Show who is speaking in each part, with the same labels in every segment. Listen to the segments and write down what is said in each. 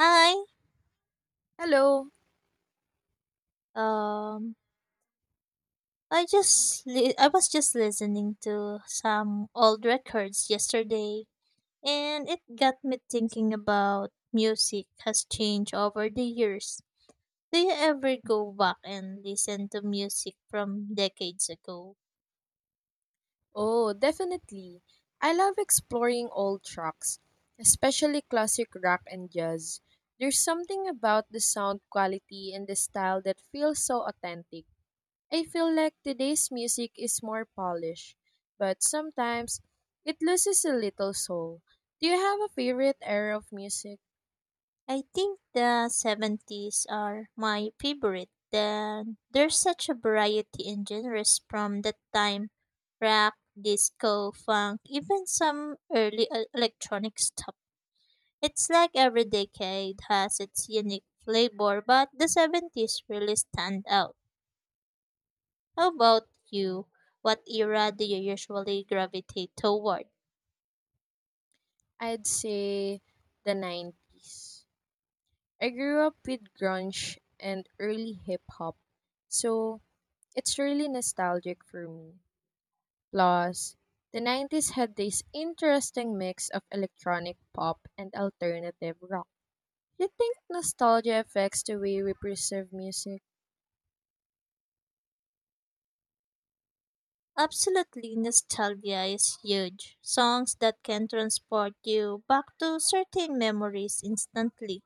Speaker 1: Hi.
Speaker 2: Hello.
Speaker 1: Um, I just I was just listening to some old records yesterday, and it got me thinking about music has changed over the years. Do you ever go back and listen to music from decades ago?
Speaker 2: Oh, definitely. I love exploring old tracks, especially classic rock and jazz. There's something about the sound quality and the style that feels so authentic. I feel like today's music is more polished, but sometimes it loses a little soul. Do you have a favorite era of music?
Speaker 1: I think the '70s are my favorite. Then there's such a variety in genres from that time, rock, disco, funk, even some early electronic stuff. It's like every decade has its unique flavor, but the '70s really stand out. How about you? What era do you usually gravitate toward?
Speaker 2: I'd say the 90s. I grew up with grunge and early hip hop. So, it's really nostalgic for me. Plus, the 90s had this interesting mix of electronic pop and alternative rock. You think nostalgia affects the way we perceive music?
Speaker 1: Absolutely, nostalgia is huge. Songs that can transport you back to certain memories instantly.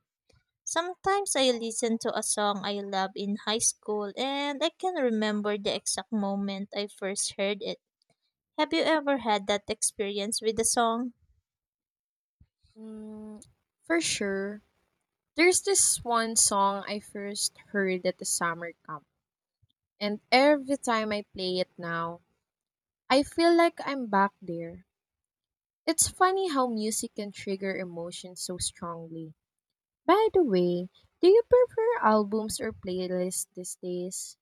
Speaker 1: Sometimes I listen to a song I love in high school and I can remember the exact moment I first heard it. Have you ever had that experience with a song?
Speaker 2: Mm, for sure. There's this one song I first heard at the summer camp, and every time I play it now, I feel like I'm back there. It's funny how music can trigger emotions so strongly. By the way, do you prefer albums or playlists these days?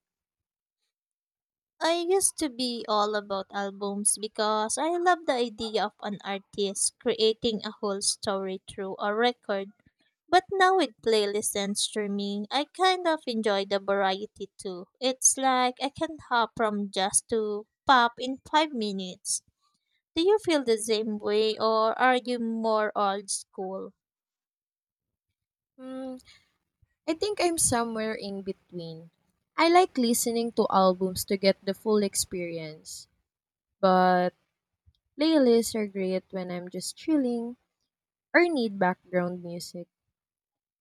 Speaker 1: I used to be all about albums because I love the idea of an artist creating a whole story through a record. But now with playlists and streaming, I kind of enjoy the variety too. It's like I can hop from jazz to pop in 5 minutes. Do you feel the same way or are you more old school?
Speaker 2: Hmm, I think I'm somewhere in between. I like listening to albums to get the full experience, but playlists are great when I'm just chilling or need background music.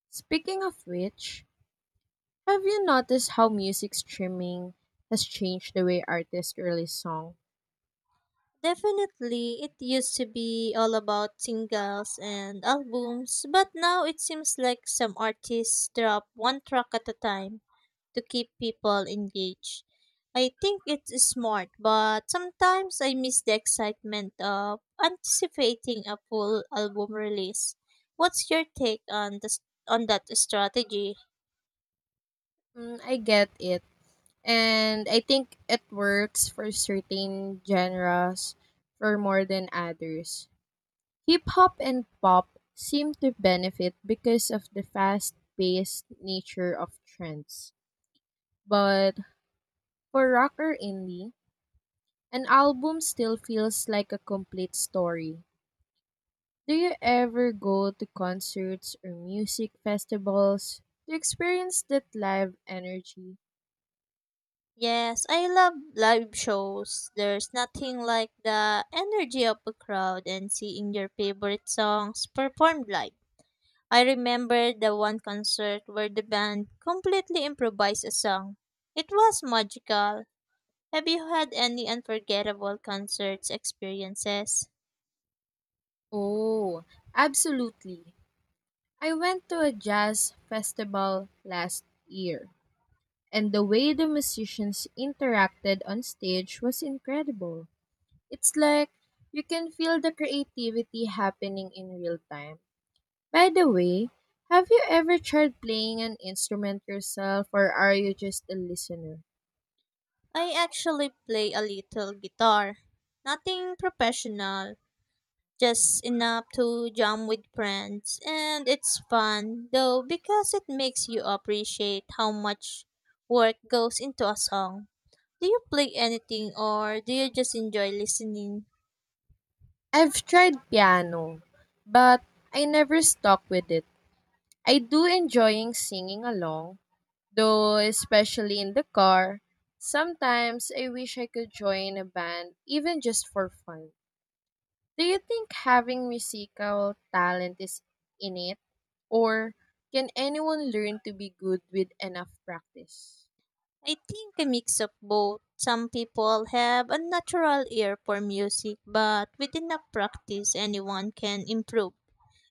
Speaker 2: Speaking of which, have you noticed how music streaming has changed the way artists release songs?
Speaker 1: Definitely, it used to be all about singles and albums, but now it seems like some artists drop one track at a time to keep people engaged. I think it's smart, but sometimes I miss the excitement of anticipating a full album release. What's your take on this on that strategy?
Speaker 2: I get it. And I think it works for certain genres for more than others. Hip hop and pop seem to benefit because of the fast paced nature of trends. But for rock or indie, an album still feels like a complete story. Do you ever go to concerts or music festivals to experience that live energy?
Speaker 1: Yes, I love live shows. There's nothing like the energy of a crowd and seeing your favorite songs performed live. I remember the one concert where the band completely improvised a song. It was magical. Have you had any unforgettable concerts experiences?
Speaker 2: Oh, absolutely. I went to a jazz festival last year, and the way the musicians interacted on stage was incredible. It's like you can feel the creativity happening in real time. By the way, have you ever tried playing an instrument yourself, or are you just a listener?
Speaker 1: I actually play a little guitar. Nothing professional, just enough to jam with friends, and it's fun though because it makes you appreciate how much work goes into a song. Do you play anything or do you just enjoy listening?
Speaker 2: I've tried piano, but I never stuck with it. I do enjoying singing along, though especially in the car. Sometimes I wish I could join a band even just for fun. Do you think having musical talent is innate, or can anyone learn to be good with enough practice?
Speaker 1: I think a mix of both. Some people have a natural ear for music, but with enough practice, anyone can improve.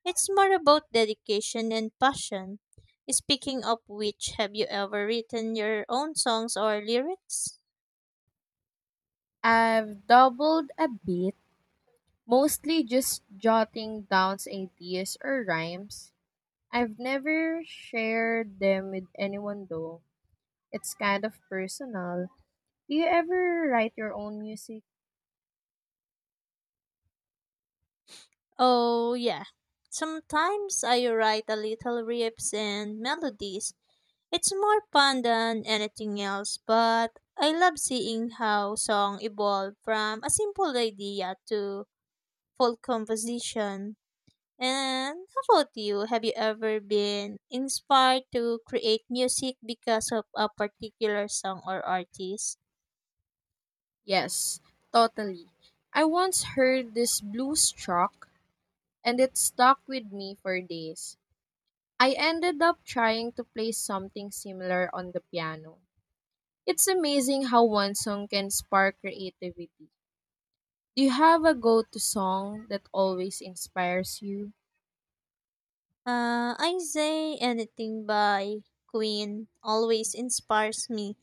Speaker 1: It's more about dedication and passion. Speaking of which, have you ever written your own songs or lyrics?
Speaker 2: I've doubled a bit, mostly just jotting down ideas or rhymes. I've never shared them with anyone though. It's kind of personal. Do you ever write your own music?
Speaker 1: Oh, yeah. Sometimes I write a little riffs and melodies. It's more fun than anything else, but I love seeing how song evolve from a simple idea to full composition. And how about you? Have you ever been inspired to create music because of a particular song or artist?
Speaker 2: Yes, totally. I once heard this blues track and it stuck with me for days. I ended up trying to play something similar on the piano. It's amazing how one song can spark creativity. Do you have a go to song that always inspires you?
Speaker 1: I say anything by Queen always inspires me.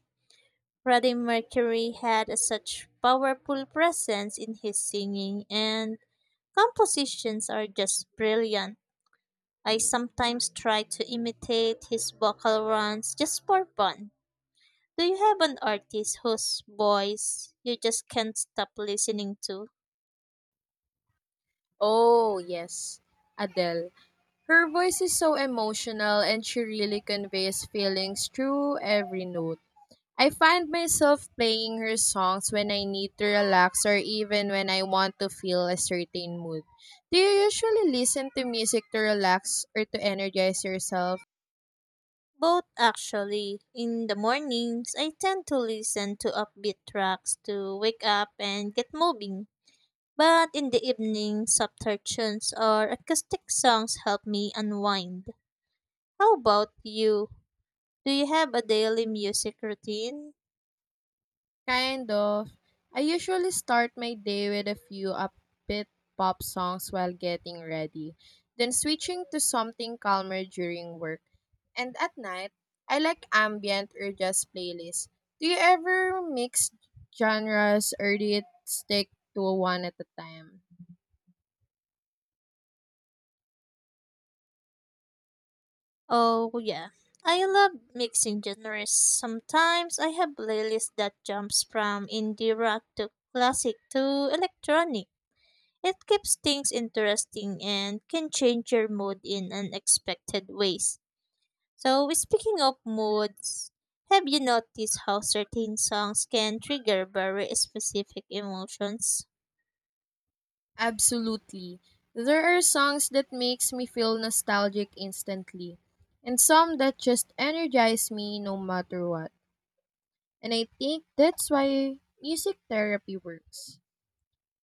Speaker 1: Freddie Mercury had a such powerful presence in his singing and compositions are just brilliant. I sometimes try to imitate his vocal runs just for fun. Do you have an artist whose voice you just can't stop listening to?
Speaker 2: Oh, yes, Adele. Her voice is so emotional and she really conveys feelings through every note. I find myself playing her songs when I need to relax or even when I want to feel a certain mood. Do you usually listen to music to relax or to energize yourself?
Speaker 1: Both actually. In the mornings, I tend to listen to upbeat tracks to wake up and get moving. But in the evening, softer tunes or acoustic songs help me unwind. How about you? Do you have a daily music routine?
Speaker 2: Kind of. I usually start my day with a few upbeat pop songs while getting ready, then switching to something calmer during work. And at night, I like ambient or jazz playlists. Do you ever mix genres or do you stick to one at a time?
Speaker 1: Oh, yeah. I love mixing genres. Sometimes I have playlists that jumps from indie rock to classic to electronic. It keeps things interesting and can change your mood in unexpected ways. So, speaking of moods, have you noticed how certain songs can trigger very specific emotions?
Speaker 2: Absolutely. There are songs that makes me feel nostalgic instantly, and some that just energize me no matter what. And I think that's why music therapy works.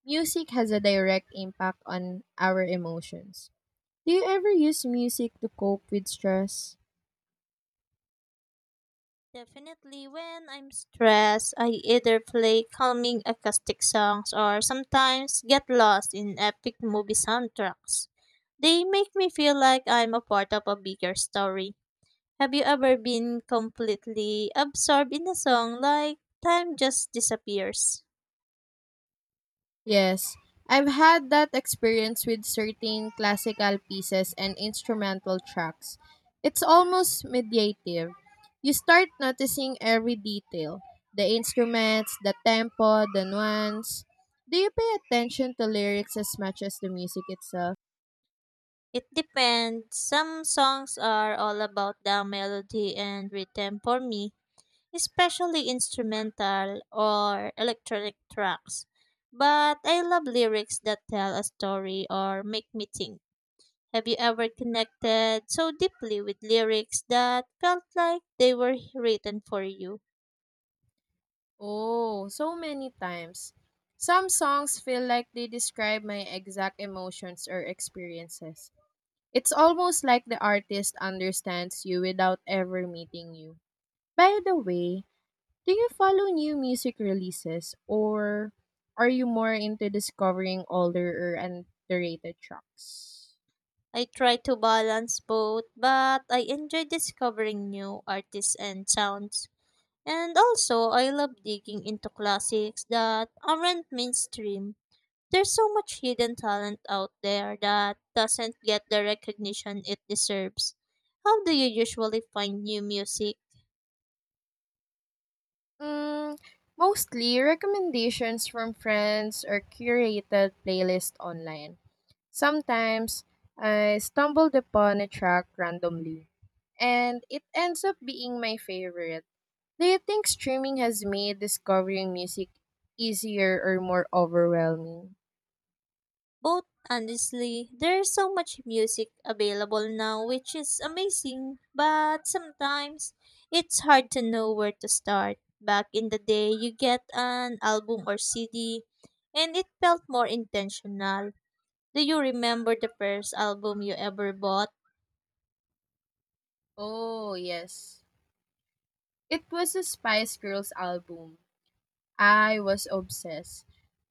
Speaker 2: Music has a direct impact on our emotions. Do you ever use music to cope with stress?
Speaker 1: Definitely, when I'm stressed, I either play calming acoustic songs or sometimes get lost in epic movie soundtracks. They make me feel like I'm a part of a bigger story. Have you ever been completely absorbed in a song like time just disappears?
Speaker 2: Yes, I've had that experience with certain classical pieces and instrumental tracks. It's almost mediative. You start noticing every detail, the instruments, the tempo, the nuance. Do you pay attention to lyrics as much as the music itself?
Speaker 1: It depends. Some songs are all about the melody and rhythm for me, especially instrumental or electronic tracks. But I love lyrics that tell a story or make me think. Have you ever connected so deeply with lyrics that felt like they were written for you?
Speaker 2: Oh, so many times. Some songs feel like they describe my exact emotions or experiences. It's almost like the artist understands you without ever meeting you. By the way, do you follow new music releases or are you more into discovering older or underrated tracks?
Speaker 1: I try to balance both, but I enjoy discovering new artists and sounds. And also, I love digging into classics that aren't mainstream. There's so much hidden talent out there that doesn't get the recognition it deserves. How do you usually find new music?
Speaker 2: Mm, mostly recommendations from friends or curated playlist online. Sometimes I stumbled upon a track randomly, and it ends up being my favorite. Do you think streaming has made discovering music easier or more overwhelming?
Speaker 1: Both honestly, there's so much music available now which is amazing, but sometimes it's hard to know where to start. Back in the day, you get an album or CD and it felt more intentional. Do you remember the first album you ever bought?
Speaker 2: Oh, yes. It was a Spice Girls album. I was obsessed.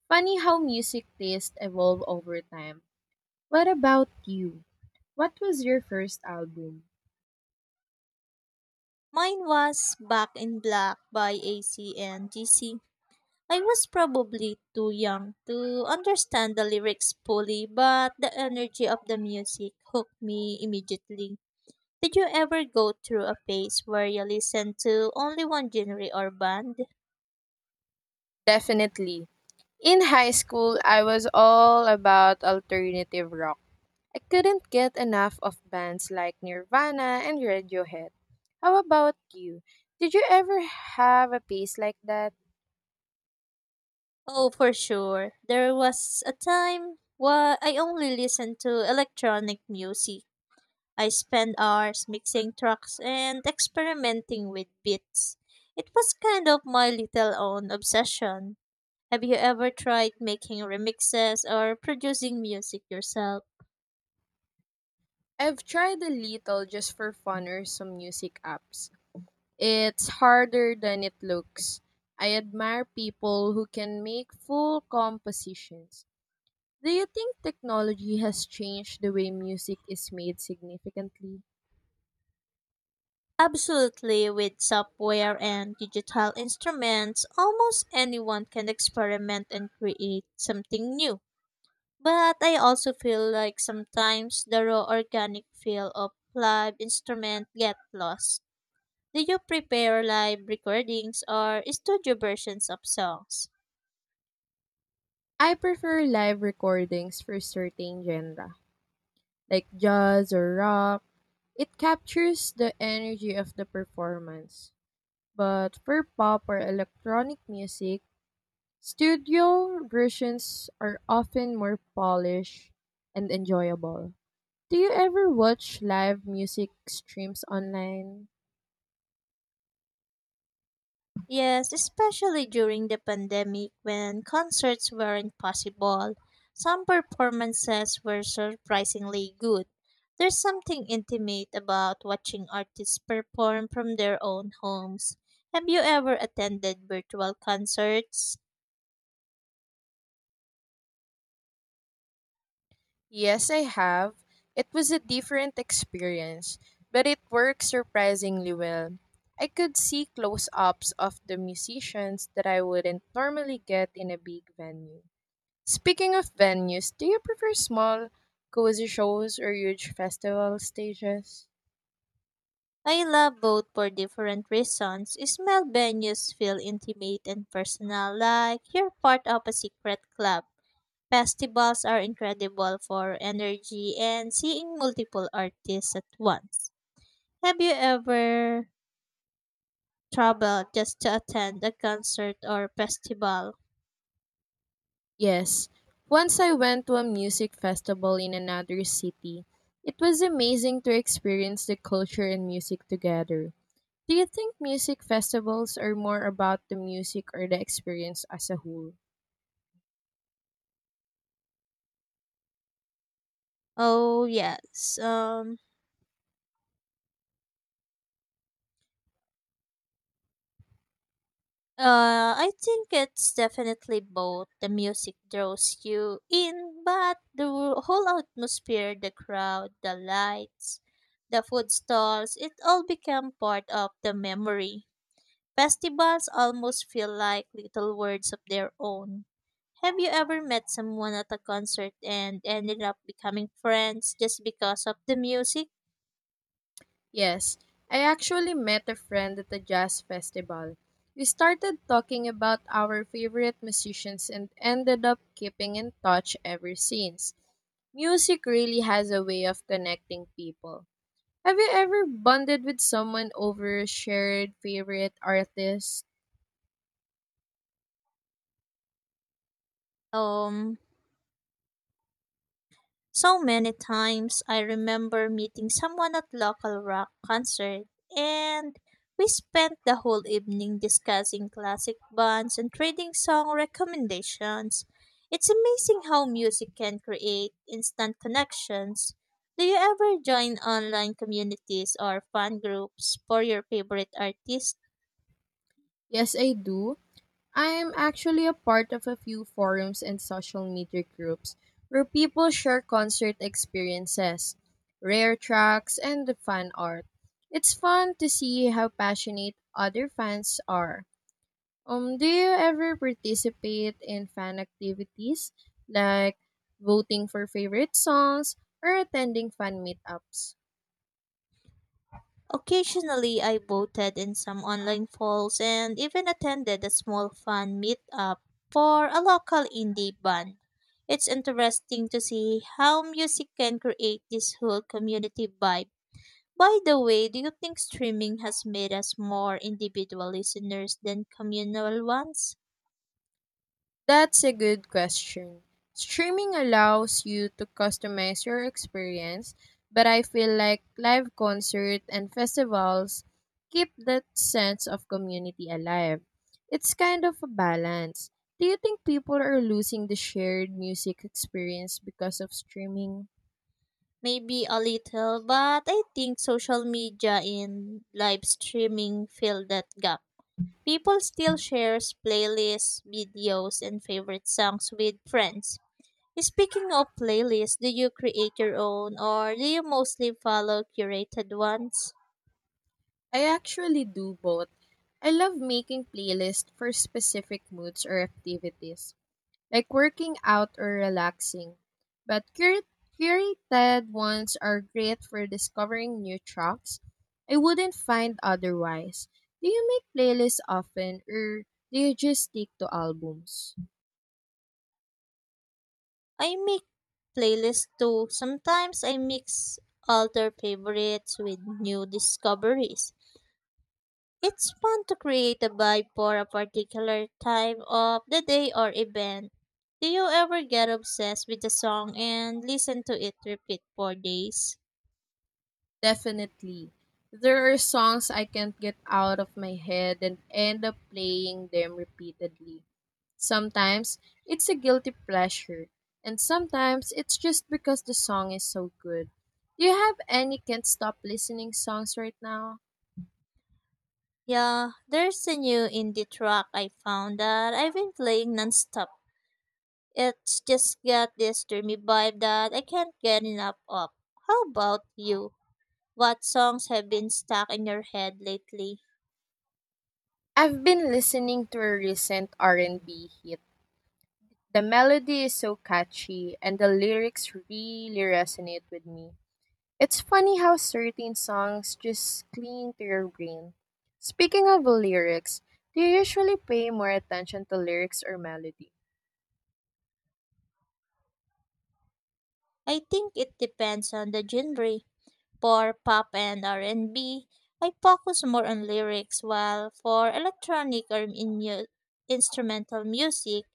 Speaker 2: Funny how music tastes evolve over time. What about you? What was your first album?
Speaker 1: Mine was Back in Black by AC and GC. I was probably too young to understand the lyrics fully, but the energy of the music hooked me immediately. Did you ever go through a phase where you listened to only one genre or band?
Speaker 2: Definitely. In high school, I was all about alternative rock. I couldn't get enough of bands like Nirvana and Radiohead. How about you? Did you ever have a piece like that?
Speaker 1: Oh, for sure. There was a time where I only listened to electronic music. I spent hours mixing tracks and experimenting with beats. It was kind of my little own obsession. Have you ever tried making remixes or producing music yourself?
Speaker 2: I've tried a little just for fun or some music apps. It's harder than it looks. I admire people who can make full compositions. Do you think technology has changed the way music is made significantly?
Speaker 1: Absolutely, with software and digital instruments, almost anyone can experiment and create something new. But I also feel like sometimes the raw organic feel of live instrument get lost. Do you prepare live recordings or studio versions of songs?
Speaker 2: I prefer live recordings for certain genres, like jazz or rock. It captures the energy of the performance. But for pop or electronic music, studio versions are often more polished and enjoyable. Do you ever watch live music streams online?
Speaker 1: Yes, especially during the pandemic when concerts weren't possible. Some performances were surprisingly good. There's something intimate about watching artists perform from their own homes. Have you ever attended virtual concerts?
Speaker 2: Yes, I have. It was a different experience, but it worked surprisingly well. I could see close ups of the musicians that I wouldn't normally get in a big venue. Speaking of venues, do you prefer small, cozy shows or huge festival stages?
Speaker 1: I love both for different reasons. Small venues feel intimate and personal, like you're part of a secret club. Festivals are incredible for energy and seeing multiple artists at once. Have you ever traveled just to attend a concert or festival?
Speaker 2: Yes. Once I went to a music festival in another city. It was amazing to experience the culture and music together. Do you think music festivals are more about the music or the experience as a whole?
Speaker 1: Oh, yes. I think it's definitely both. The music draws you in, but the whole atmosphere, the crowd, the lights, the food stalls, it all become part of the memory. Festivals almost feel like little words of their own. Have you ever met someone at a concert and ended up becoming friends just because of the music?
Speaker 2: Yes, I actually met a friend at a jazz festival. We started talking about our favorite musicians and ended up keeping in touch ever since. Music really has a way of connecting people. Have you ever bonded with someone over a shared favorite artist?
Speaker 1: Um, So many times. I remember meeting someone at local rock concert and we spent the whole evening discussing classic bands and trading song recommendations. It's amazing how music can create instant connections. Do you ever join online communities or fan groups for your favorite artists?
Speaker 2: Yes, I do. I'm actually a part of a few forums and social media groups where people share concert experiences, rare tracks, and the fan art. It's fun to see how passionate other fans are. Do you ever participate in fan activities like voting for favorite songs or attending fan meetups?
Speaker 1: Occasionally, I voted in some online polls and even attended a small fan meetup for a local indie band. It's interesting to see how music can create this whole community vibe. By the way, do you think streaming has made us more individual listeners than communal ones?
Speaker 2: That's a good question. Streaming allows you to customize your experience, but I feel like live concert and festivals keep that sense of community alive. It's kind of a balance. Do you think people are losing the shared music experience because of streaming?
Speaker 1: Maybe a little, but I think social media and live streaming fill that gap. People still shares playlists, videos, and favorite songs with friends. Speaking of playlists, do you create your own or do you mostly follow curated ones?
Speaker 2: I actually do both. I love making playlists for specific moods or activities like working out or relaxing. But curated ones are great for discovering new tracks I wouldn't find otherwise. Do you make playlists often or do you just stick to albums?
Speaker 1: I make playlists too. Sometimes I mix older favorites with new discoveries. It's fun to create a vibe for a particular time of the day or event. Do you ever get obsessed with a song and listen to it repeat for days?
Speaker 2: Definitely. There are songs I can't get out of my head and end up playing them repeatedly. Sometimes it's a guilty pleasure, and sometimes it's just because the song is so good. Do you have any can't stop listening songs right now?
Speaker 1: Yeah, there's a new indie track I found that I've been playing nonstop. It's just got this dreamy vibe that I can't get enough of. How about you? What songs have been stuck in your head lately?
Speaker 2: I've been listening to a recent R&B hit. The melody is so catchy and the lyrics really resonate with me. It's funny how certain songs just cling to your brain. Speaking of lyrics, do you usually pay more attention to lyrics or melody?
Speaker 1: I think it depends on the genre. For pop and r and B, I focus more on lyrics, while for electronic or instrumental music,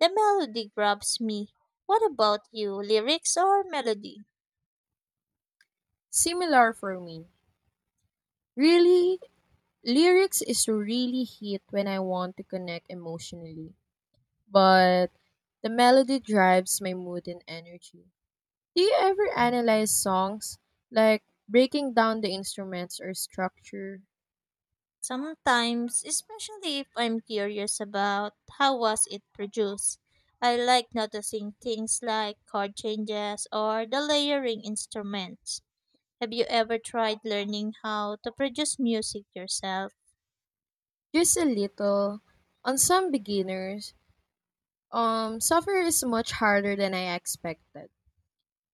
Speaker 1: the melody grabs me. What about you? Lyrics or melody?
Speaker 2: Similar for me. Really, lyrics is really hit when I want to connect emotionally, but the melody drives my mood and energy. Do you ever analyze songs, like breaking down the instruments or structure,
Speaker 1: Sometimes, especially if I'm curious about how was it produced, I like noticing things like chord changes or the layering instruments. Have you ever tried learning how to produce music yourself?
Speaker 2: just a little? On some beginners, software is much harder than I expected.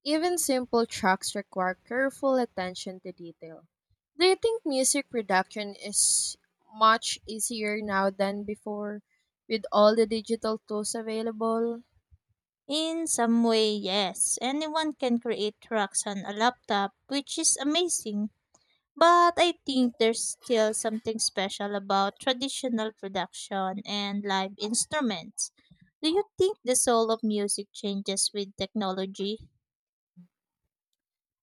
Speaker 2: Even simple tracks require careful attention to detail. Do you think music production is much easier now than before with all the digital tools available?
Speaker 1: In some way, yes. Anyone can create tracks on a laptop, which is amazing. But I think there's still something special about traditional production and live instruments. Do you think the soul of music changes with technology?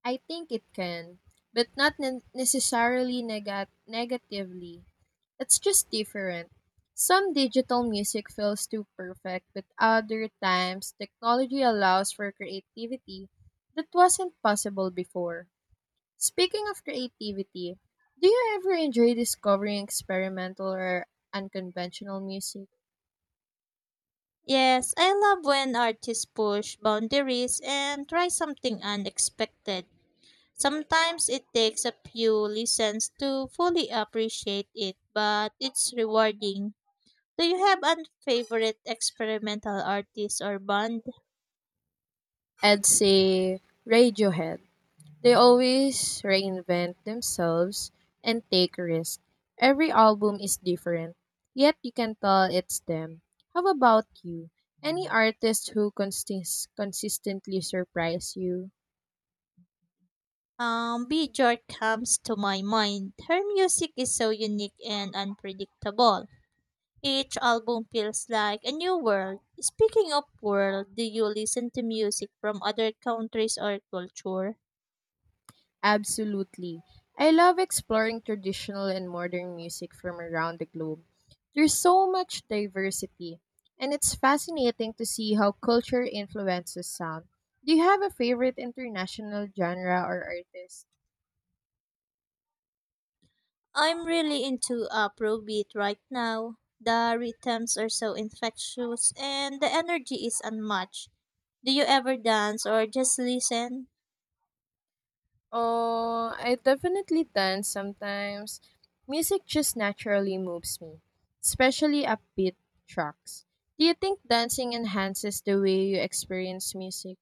Speaker 2: I think it can, but not necessarily negatively. It's just different. Some digital music feels too perfect, but other times technology allows for creativity that wasn't possible before. Speaking of creativity, do you ever enjoy discovering experimental or unconventional music?
Speaker 1: Yes, I love when artists push boundaries and try something unexpected. Sometimes it takes a few listens to fully appreciate it, but it's rewarding. Do you have a favorite experimental artist or band?
Speaker 2: I'd say Radiohead. They always reinvent themselves and take risks. Every album is different, yet you can tell it's them. How about you? Any artist who consistently surprise you?
Speaker 1: Bjork comes to my mind. Her music is so unique and unpredictable. Each album feels like a new world. Speaking of world, do you listen to music from other countries or culture?
Speaker 2: Absolutely. I love exploring traditional and modern music from around the globe. There's so much diversity, and it's fascinating to see how culture influences sound. Do you have a favorite international genre or artist?
Speaker 1: I'm really into Afrobeat right now. The rhythms are so infectious and the energy is unmatched. Do you ever dance or just listen?
Speaker 2: Oh, I definitely dance sometimes. Music just naturally moves me, especially upbeat tracks. Do you think dancing enhances the way you experience music?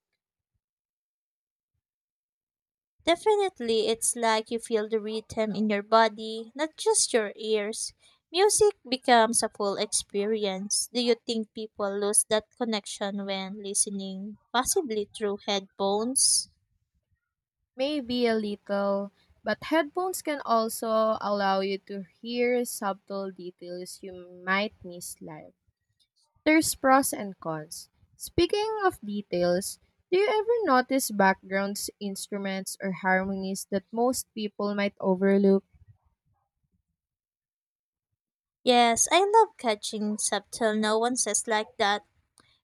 Speaker 1: Definitely, it's like you feel the rhythm in your body, not just your ears. Music becomes a full experience. Do you think people lose that connection when listening, possibly through headphones?
Speaker 2: Maybe a little, but headphones can also allow you to hear subtle details you might miss live. There's pros and cons. Speaking of details, do you ever notice backgrounds, instruments, or harmonies that most people might overlook?
Speaker 1: Yes, I love catching subtle nuances like that.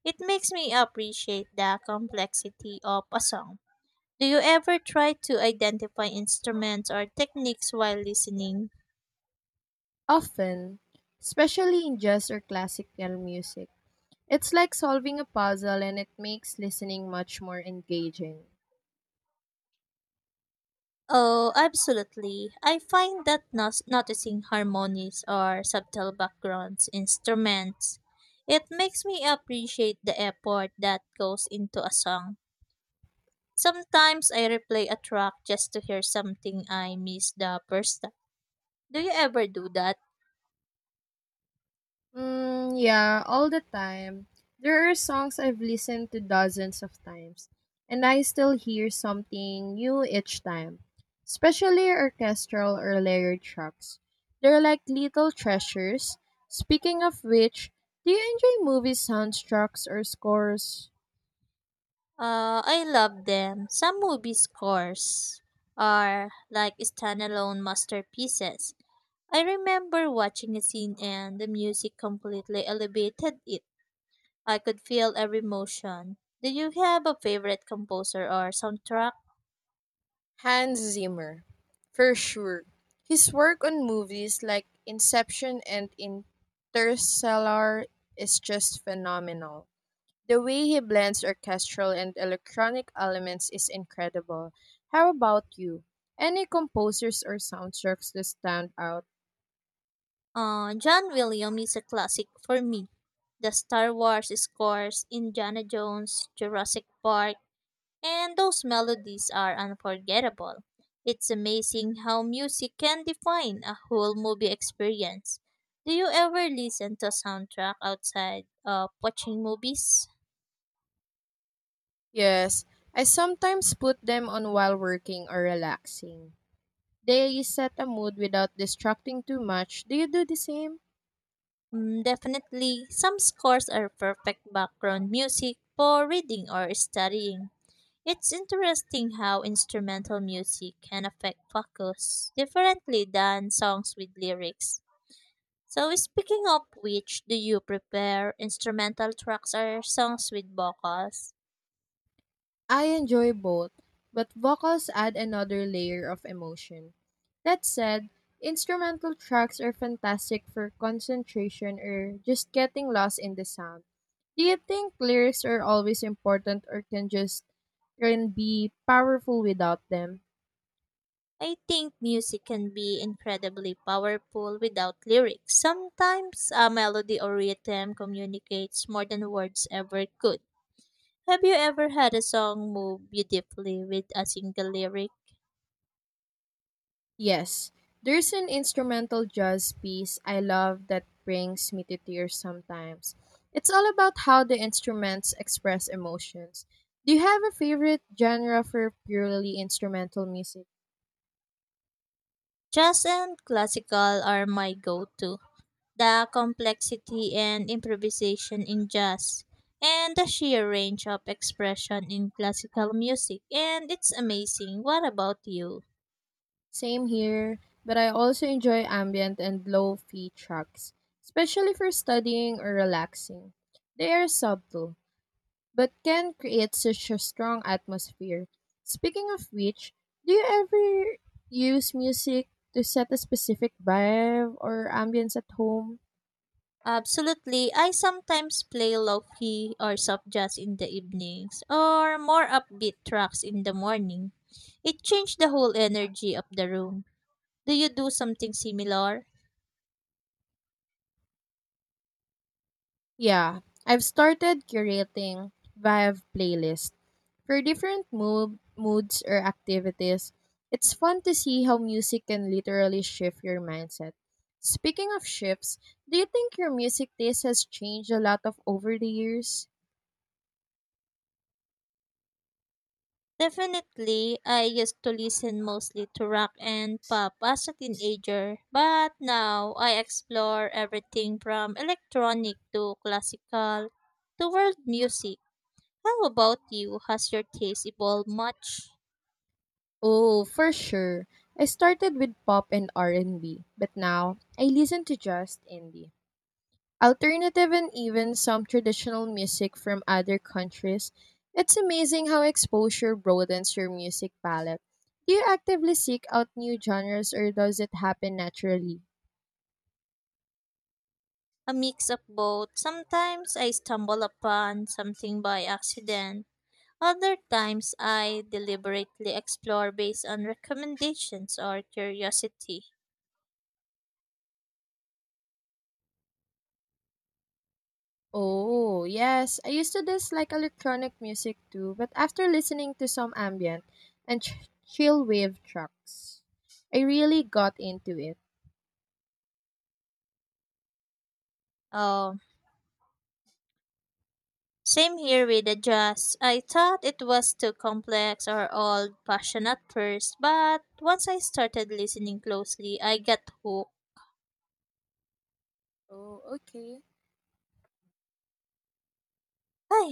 Speaker 1: It makes me appreciate the complexity of a song. Do you ever try to identify instruments or techniques while listening?
Speaker 2: Often, especially in jazz or classical music. It's like solving a puzzle and it makes listening much more engaging.
Speaker 1: Oh, absolutely. I find that noticing harmonies or subtle backgrounds, instruments, it makes me appreciate the effort that goes into a song. Sometimes I replay a track just to hear something I missed the first time. Do you ever do that?
Speaker 2: Yeah, all the time. There are songs I've listened to dozens of times, and I still hear something new each time, especially orchestral or layered tracks. They're like little treasures. Speaking of which, do you enjoy movie soundtracks or scores?
Speaker 1: I love them. Some movie scores are like standalone masterpieces. I remember watching a scene and the music completely elevated it. I could feel every motion. Do you have a favorite composer or soundtrack?
Speaker 2: Hans Zimmer, for sure. His work on movies like Inception and Interstellar is just phenomenal. The way he blends orchestral and electronic elements is incredible. How about you? Any composers or soundtracks that stand out?
Speaker 1: John Williams is a classic for me. The Star Wars scores, Indiana Jones, Jurassic Park, and those melodies are unforgettable. It's amazing how music can define a whole movie experience. Do you ever listen to a soundtrack outside of watching movies?
Speaker 2: Yes, I sometimes put them on while working or relaxing. They set a mood without distracting too much. Do you do the same?
Speaker 1: Mm, definitely, some scores are perfect background music for reading or studying. It's interesting how instrumental music can affect focus differently than songs with lyrics. So, speaking of which, do you prefer instrumental tracks or songs with vocals?
Speaker 2: I enjoy both, but vocals add another layer of emotion. That said, instrumental tracks are fantastic for concentration or just getting lost in the sound. Do you think lyrics are always important or can be powerful without them?
Speaker 1: I think music can be incredibly powerful without lyrics. Sometimes a melody or rhythm communicates more than words ever could. Have you ever had a song move beautifully with a single lyric?
Speaker 2: Yes, there's an instrumental jazz piece I love that brings me to tears sometimes. It's all about how the instruments express emotions. Do you have a favorite genre for purely instrumental music?
Speaker 1: Jazz and classical are my go to. The complexity and improvisation in jazz, and the sheer range of expression in classical music, and it's amazing. What about you?
Speaker 2: Same here, but I also enjoy ambient and low fi tracks, especially for studying or relaxing. They are subtle, but can create such a strong atmosphere. Speaking of which, do you ever use music to set a specific vibe or ambience at home?
Speaker 1: Absolutely, I sometimes play low key or soft jazz in the evenings, or more upbeat tracks in the morning. It changed the whole energy of the room. Do you do something similar?
Speaker 2: Yeah, I've started curating vibe playlists for different moods or activities. It's fun to see how music can literally shift your mindset. Speaking of shifts, do you think your music taste has changed a lot of over the years?
Speaker 1: Definitely, I used to listen mostly to rock and pop as a teenager, but now I explore everything from electronic to classical to world music. How about you? Has your taste evolved much?
Speaker 2: Oh, for sure. I started with pop and R&B, but now I listen to just indie, alternative and even some traditional music from other countries. It's amazing how exposure broadens your music palette. Do you actively seek out new genres or does it happen naturally?
Speaker 1: A mix of both. Sometimes I stumble upon something by accident. Other times I deliberately explore based on recommendations or curiosity.
Speaker 2: Oh, yes. I used to dislike electronic music too, but after listening to some ambient and chill wave tracks, I really got into it.
Speaker 1: Um, Same here with the jazz. I thought it was too complex or old fashioned at first, but once I started listening closely, I got hooked.
Speaker 2: Oh, okay.
Speaker 1: Ay,